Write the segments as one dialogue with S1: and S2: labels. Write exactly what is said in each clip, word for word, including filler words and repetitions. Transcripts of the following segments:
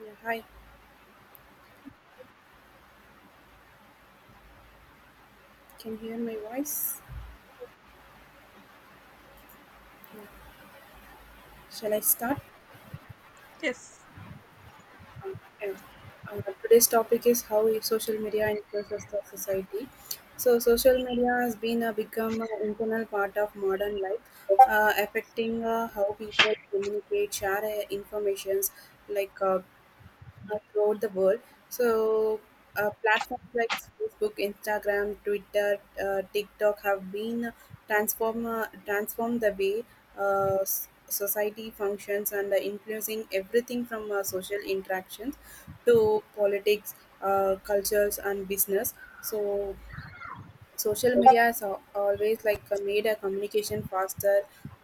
S1: Yeah, hi. Can you hear my voice? Yeah. Shall I start?
S2: Yes,
S1: Um, yeah. Uh, today's topic is how i- social media influences the society. So social media has been a become an internal part of modern life, uh, affecting uh, how people communicate, share uh, informations like uh, uh, throughout the world. So, uh, Platforms like Facebook, Instagram, Twitter, uh, TikTok have been transform uh, transformed the way uh, s- society functions and uh, influencing everything from uh, social interactions to politics, uh, cultures, and business. So social media has al- always like uh, made a communication faster.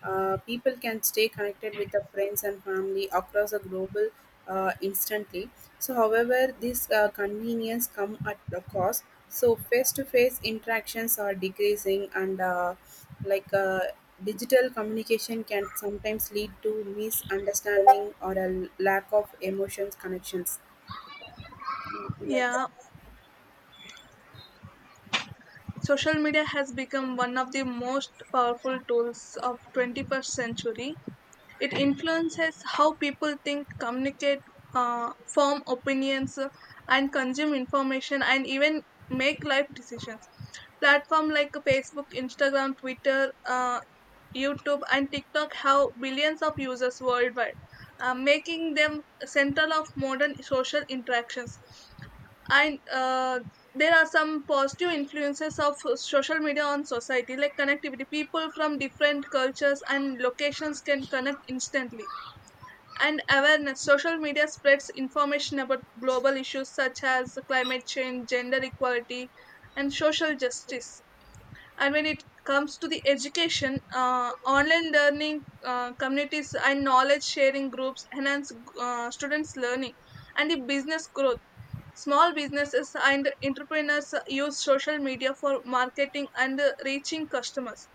S1: uh, People can stay connected with the friends and family across the global, uh, instantly. So however, this uh, convenience come at a cost, so face-to-face interactions are decreasing and uh, like uh, digital communication can sometimes lead to misunderstanding or a lack of emotions connections. Something like
S2: yeah.
S1: that.
S2: Social media has become one of the most powerful tools of twenty-first century. It influences how people think, communicate, uh, form opinions, uh, and consume information, and even make life decisions. Platforms like Facebook, Instagram, Twitter, uh, YouTube, and TikTok have billions of users worldwide, uh, making them central of modern social interactions. and uh, there are some positive influences of social media on society like connectivity, people from different cultures and locations can connect instantly, and awareness, social media spreads information about global issues such as climate change, gender equality, and social justice. And when it comes to the education, uh, online learning uh, communities and knowledge sharing groups enhance uh, students learning, and the business growth. Small businesses and entrepreneurs use social media for marketing and uh, reaching customers,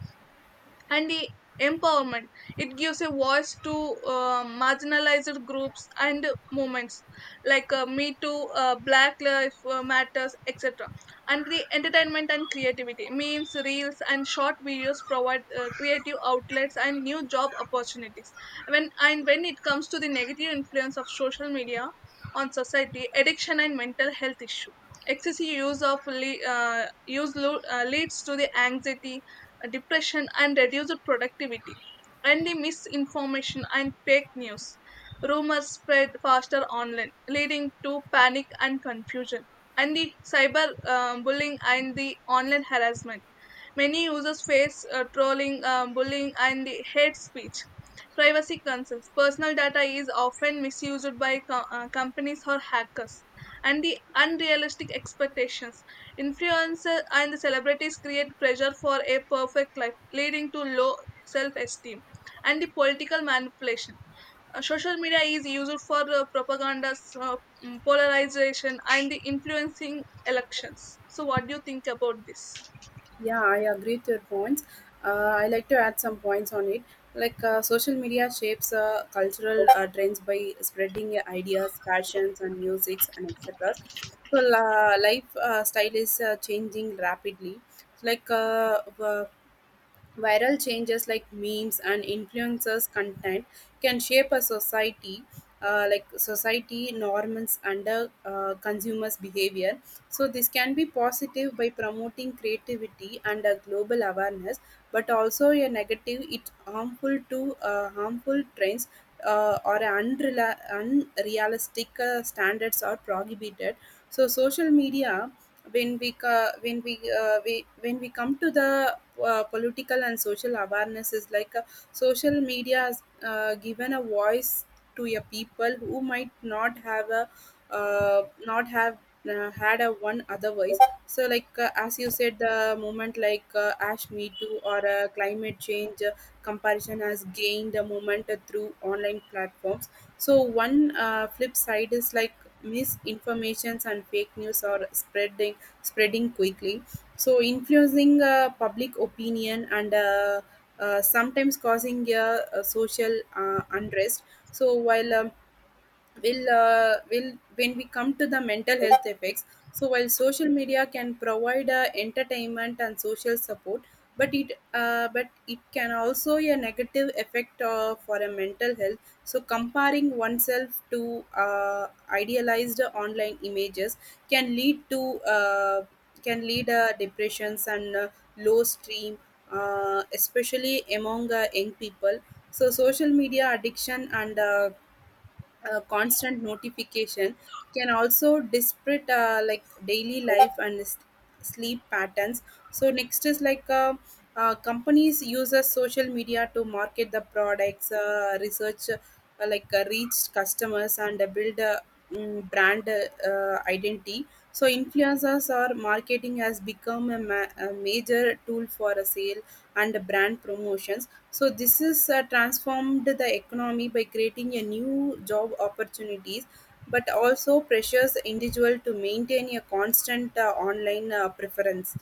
S2: and the empowerment, it gives a voice to uh, marginalized groups and movements like uh, me too, uh, black lives matters, etc. And the entertainment and creativity means reels and short videos provide uh, creative outlets and new job opportunities. When and when it comes to the negative influence of social media on society, addiction and mental health issue, excessive use of le- uh, use lo- uh, leads to the anxiety, depression, and reduced productivity. And the misinformation and fake news, rumors spread faster online, leading to panic and confusion. And the cyber uh, bullying and the online harassment. Many users face uh, trolling, um, bullying, and hate speech. Privacy concerns. Personal data is often misused by co- uh, companies or hackers. And the unrealistic expectations. Influencers and the celebrities create pressure for a perfect life, leading to low self esteem. And the political manipulation. Uh, social media is used for uh, propaganda, uh, mm, polarization, and the influencing elections. So, what do you think about this?
S1: Yeah, I agree with your points. Uh, I like to add some points on it. Like uh, social media shapes uh, cultural uh, trends by spreading ideas, fashions, and musics, and et cetera. So uh, life uh, style is uh, changing rapidly. Like uh, uh, Viral changes like memes and influencers' content can shape a society, uh, like society norms under uh, uh, consumers' behavior. So this can be positive by promoting creativity and a global awareness, but also a negative. It harmful to uh, harmful trends uh, or unrela- unrealistic uh, standards are prohibited. So social media, when we co- when we, uh, we when we come to the uh, political and social awareness is like uh, social media has uh, given a voice to a people who might not have a uh, not have uh, had a one otherwise. So like uh, as you said, the movement like uh, ash me too or uh, climate change uh, comparison has gained a moment uh, through online platforms. So one uh, flip side is like misinformations and fake news are spreading spreading quickly, so influencing uh, public opinion and uh, uh, sometimes causing a, a social uh, unrest. So while uh, will uh, will when we come to the mental health effects. So while social media can provide uh, entertainment and social support, but it uh, but it can also a negative effect uh, for a mental health. So comparing oneself to uh, idealized online images can lead to uh, can lead uh, depressions and uh, low stream, uh, especially among uh, young people. So social media addiction and uh, uh, constant notification can also disrupt uh, like daily life and s- sleep patterns. So next is like uh, uh, companies uses social media to market the products, uh, research uh, like uh, reach customers and uh, build a mm, brand uh, uh, identity. So influencers or marketing has become a, ma- a major tool for a sale and brand promotions. So this is uh, transformed the economy by creating a new job opportunities, but also pressures individual to maintain a constant uh, online uh, preference.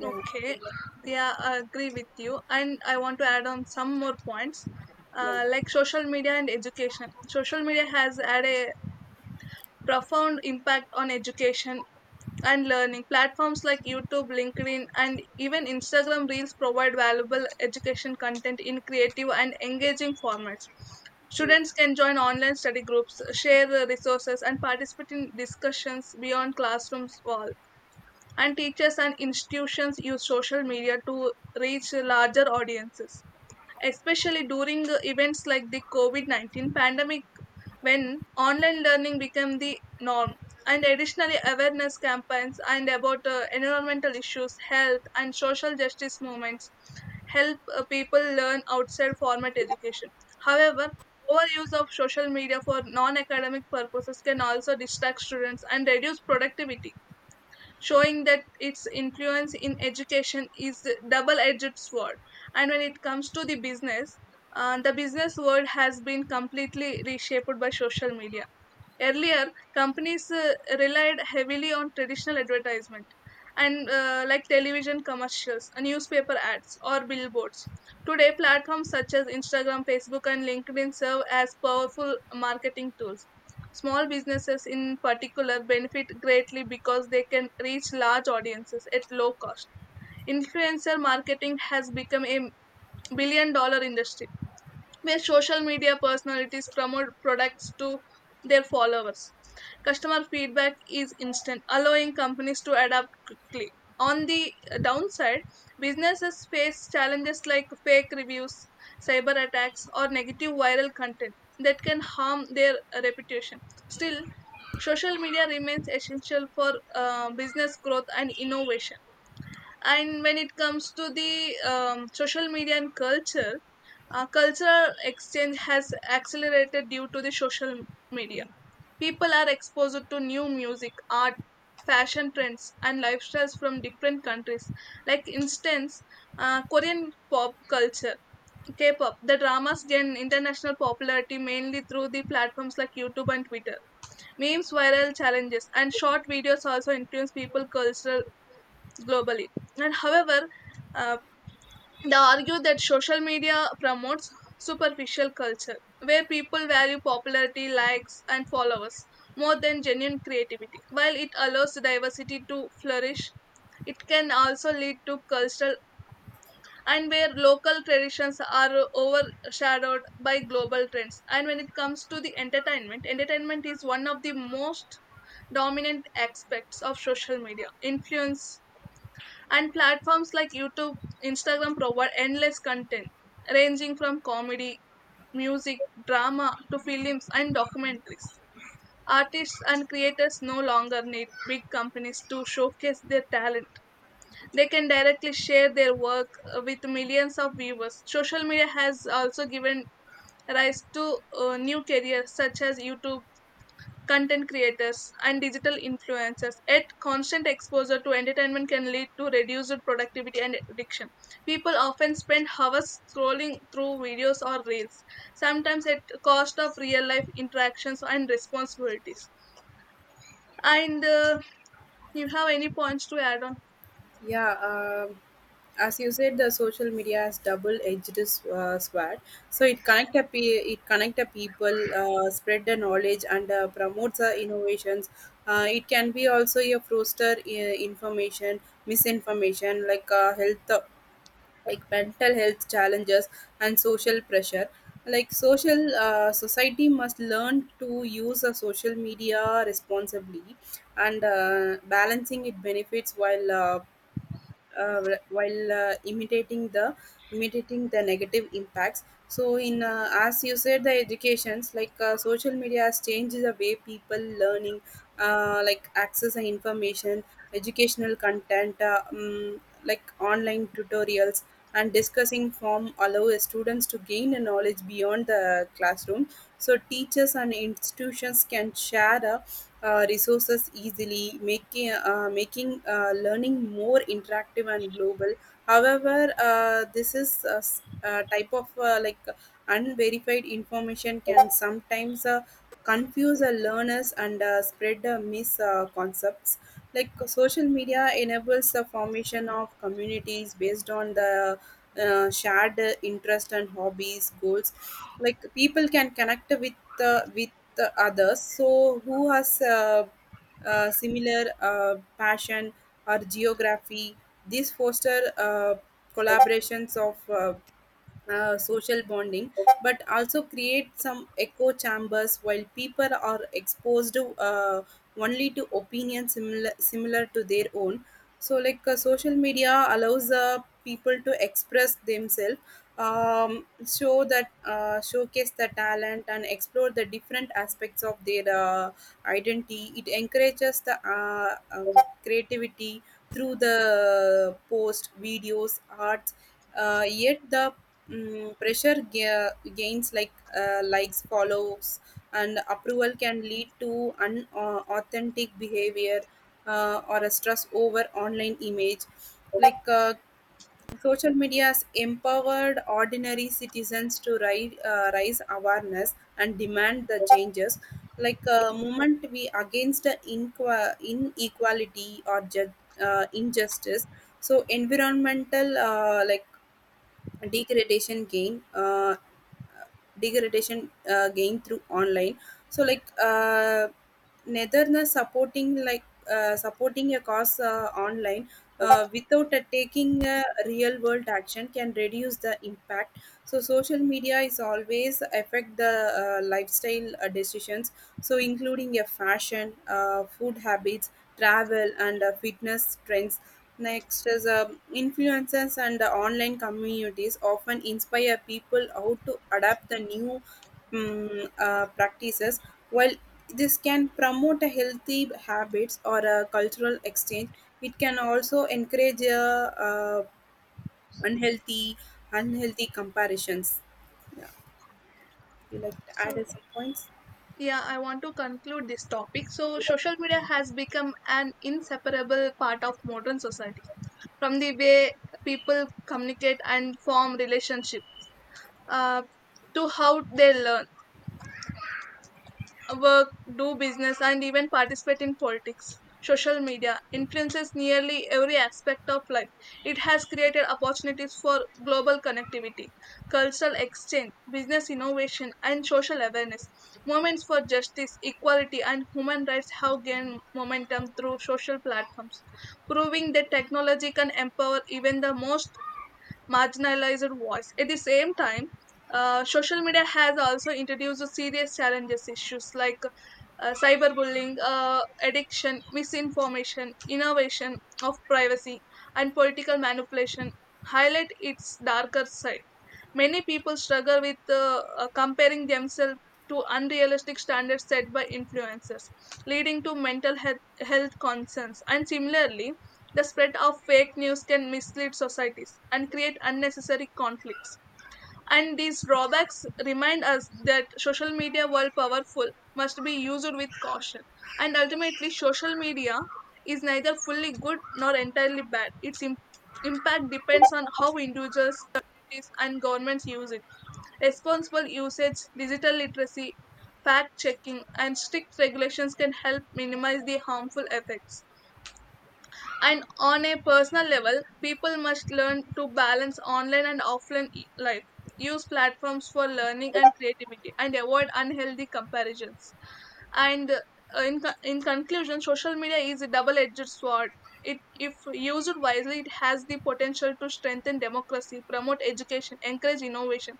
S1: Yeah.
S2: Okay, yeah, I agree with you. And I want to add on some more points,
S1: Yeah.
S2: uh, like social media and education. Social media has had a profound impact on education and learning. Platforms like YouTube, LinkedIn, and even Instagram Reels provide valuable education content in creative and engaging formats. Students can join online study groups, share uh, resources, and participate in discussions beyond classrooms walls, and teachers and institutions use social media to reach larger audiences, especially during uh, events like the COVID nineteen pandemic, when online learning became the norm. And additionally, awareness campaigns and about uh, environmental issues, health, and social justice movements help uh, people learn outside formal education. However, overuse of social media for non academic purposes can also distract students and reduce productivity, showing that its influence in education is a double-edged sword. And when it comes to the business, uh, the business world has been completely reshaped by social media. Earlier, companies uh, relied heavily on traditional advertisement and uh, like television commercials, uh, newspaper ads, or billboards. Today, platforms such as Instagram, Facebook, and LinkedIn serve as powerful marketing tools. Small businesses, in particular, benefit greatly because they can reach large audiences at low cost. Influencer marketing has become a billion dollar industry where social media personalities promote products to their followers. Customer feedback is instant, allowing companies to adapt quickly. On the downside, businesses face challenges like fake reviews, cyber attacks, or negative viral content that can harm their reputation. Still, social media remains essential for uh, business growth and innovation. And when it comes to the um, social media and culture, uh, cultural exchange has accelerated due to the social media. People are exposed to new music, art, fashion trends, and lifestyles from different countries. Like instance, uh, Korean pop culture, K-pop, the dramas gain international popularity mainly through the platforms like YouTube and Twitter. Memes, viral challenges, and short videos also influence people cultural globally. And however, uh, they argue that social media promotes superficial culture, where people value popularity, likes, and followers more than genuine creativity. While it allows diversity to flourish, it can also lead to cultural, and where local traditions are overshadowed by global trends. And when it comes to the entertainment, entertainment is one of the most dominant aspects of social media influence. And platforms like YouTube, Instagram provide endless content ranging from comedy, music, drama to films and documentaries. Artists and creators no longer need big companies to showcase their talent. They can directly share their work uh, with millions of viewers. Social media has also given rise to uh, new careers such as YouTube content creators, and digital influencers. Yet, constant exposure to entertainment can lead to reduced productivity and addiction. People often spend hours scrolling through videos or reels, sometimes at cost of real life interactions and responsibilities. And uh, you have any points to add on?
S1: Yeah, um as you said, the social media has double-edged s- uh, sword. So it connect a pe- it connect a people, uh, spread the knowledge, and uh, promotes the innovations. Uh, it can be also a foster uh, information, misinformation like uh, health, like mental health challenges and social pressure. Like social uh, society must learn to use the social media responsibly and uh, balancing its benefits while uh, uh, while uh, imitating the imitating the negative impacts. So in uh, as you said, the educations, like uh, social media has changed the way people learning, uh, like access and information. Educational content uh, um, like online tutorials and discussing form allow students to gain a knowledge beyond the classroom. So teachers and institutions can share a uh, resources easily, making uh, making uh, learning more interactive and global. However, uh, this is a s- a type of uh, like unverified information can sometimes uh, confuse uh, learners and uh, spread uh, misconceptions. like uh, social media enables the formation of communities based on the uh, shared uh, interest and hobbies goals. Like people can connect with uh, with the others, so who has uh, uh, similar uh, passion or geography. These foster uh, collaborations of uh, uh, social bonding, but also create some echo chambers while people are exposed uh, only to opinions similar similar to their own. So, like uh, social media allows uh, people to express themselves, um, show that uh, showcase the talent and explore the different aspects of their uh, identity. It encourages the uh, um, creativity through the post videos, arts. Uh, yet the mm pressure ga- gains like uh, likes, follows, and approval can lead to unauthentic behavior uh, or a stress over online image. like uh, Social media has empowered ordinary citizens to ri- uh, raise awareness and demand the changes. Like uh, moment we against the inqu- inequality or ju- uh, injustice, so environmental uh, like degradation gain uh, degradation uh, gain through online. So like uh, neither the supporting like uh, supporting a cause uh, online uh, without uh, taking uh, real world action can reduce the impact. So social media is always affect the uh, lifestyle uh, decisions, so including a fashion, uh, food habits, travel, and uh, fitness trends. Next is um, influencers and the online communities often inspire people how to adapt the new um, uh, practices. While this can promote a healthy habits or a cultural exchange, it can also encourage uh, uh, unhealthy unhealthy comparations. You like to
S2: So,
S1: add some points?
S2: yeah, I want to conclude this topic. So, social media has become an inseparable part of modern society, from the way people communicate and form relationships uh, to how they learn, work, do business, and even participate in politics. Social media influences nearly every aspect of life. It has created opportunities for global connectivity, cultural exchange, business innovation, and social awareness. Movements for justice, equality, and human rights have gained momentum through social platforms, proving that technology can empower even the most marginalized voice. At the same time, uh, social media has also introduced serious challenges, issues like uh, cyberbullying, uh, addiction, misinformation, innovation of privacy, and political manipulation highlight its darker side. Many people struggle with uh, uh, comparing themselves to unrealistic standards set by influencers, leading to mental health, health concerns. And similarly, the spread of fake news can mislead societies and create unnecessary conflicts. And these drawbacks remind us that social media, while powerful, must be used with caution. And ultimately, social media is neither fully good nor entirely bad. Its im- impact depends on how individuals, communities, and governments use it. Responsible usage, digital literacy, fact checking, and strict regulations can help minimize the harmful effects. And on a personal level, people must learn to balance online and offline e- life, use platforms for learning and creativity, and avoid unhealthy comparisons. And uh, in, co- in conclusion, social media is a double edged sword. It, if used wisely, it has the potential to strengthen democracy, promote education, encourage innovation,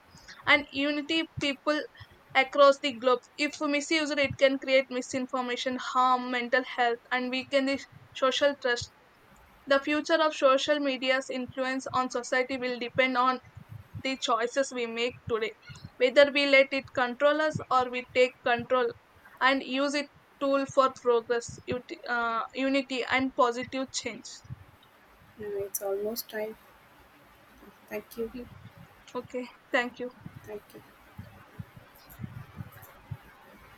S2: and unity people across the globe. If misused, it can create misinformation, harm mental health, and weaken the social trust. The future of social media's influence on society will depend on the choices we make today, whether we let it control us or we take control and use it tool for progress, ut- uh, unity, and positive change.
S1: No, it's almost time. Thank you.
S2: Okay, thank you.
S1: Thank you.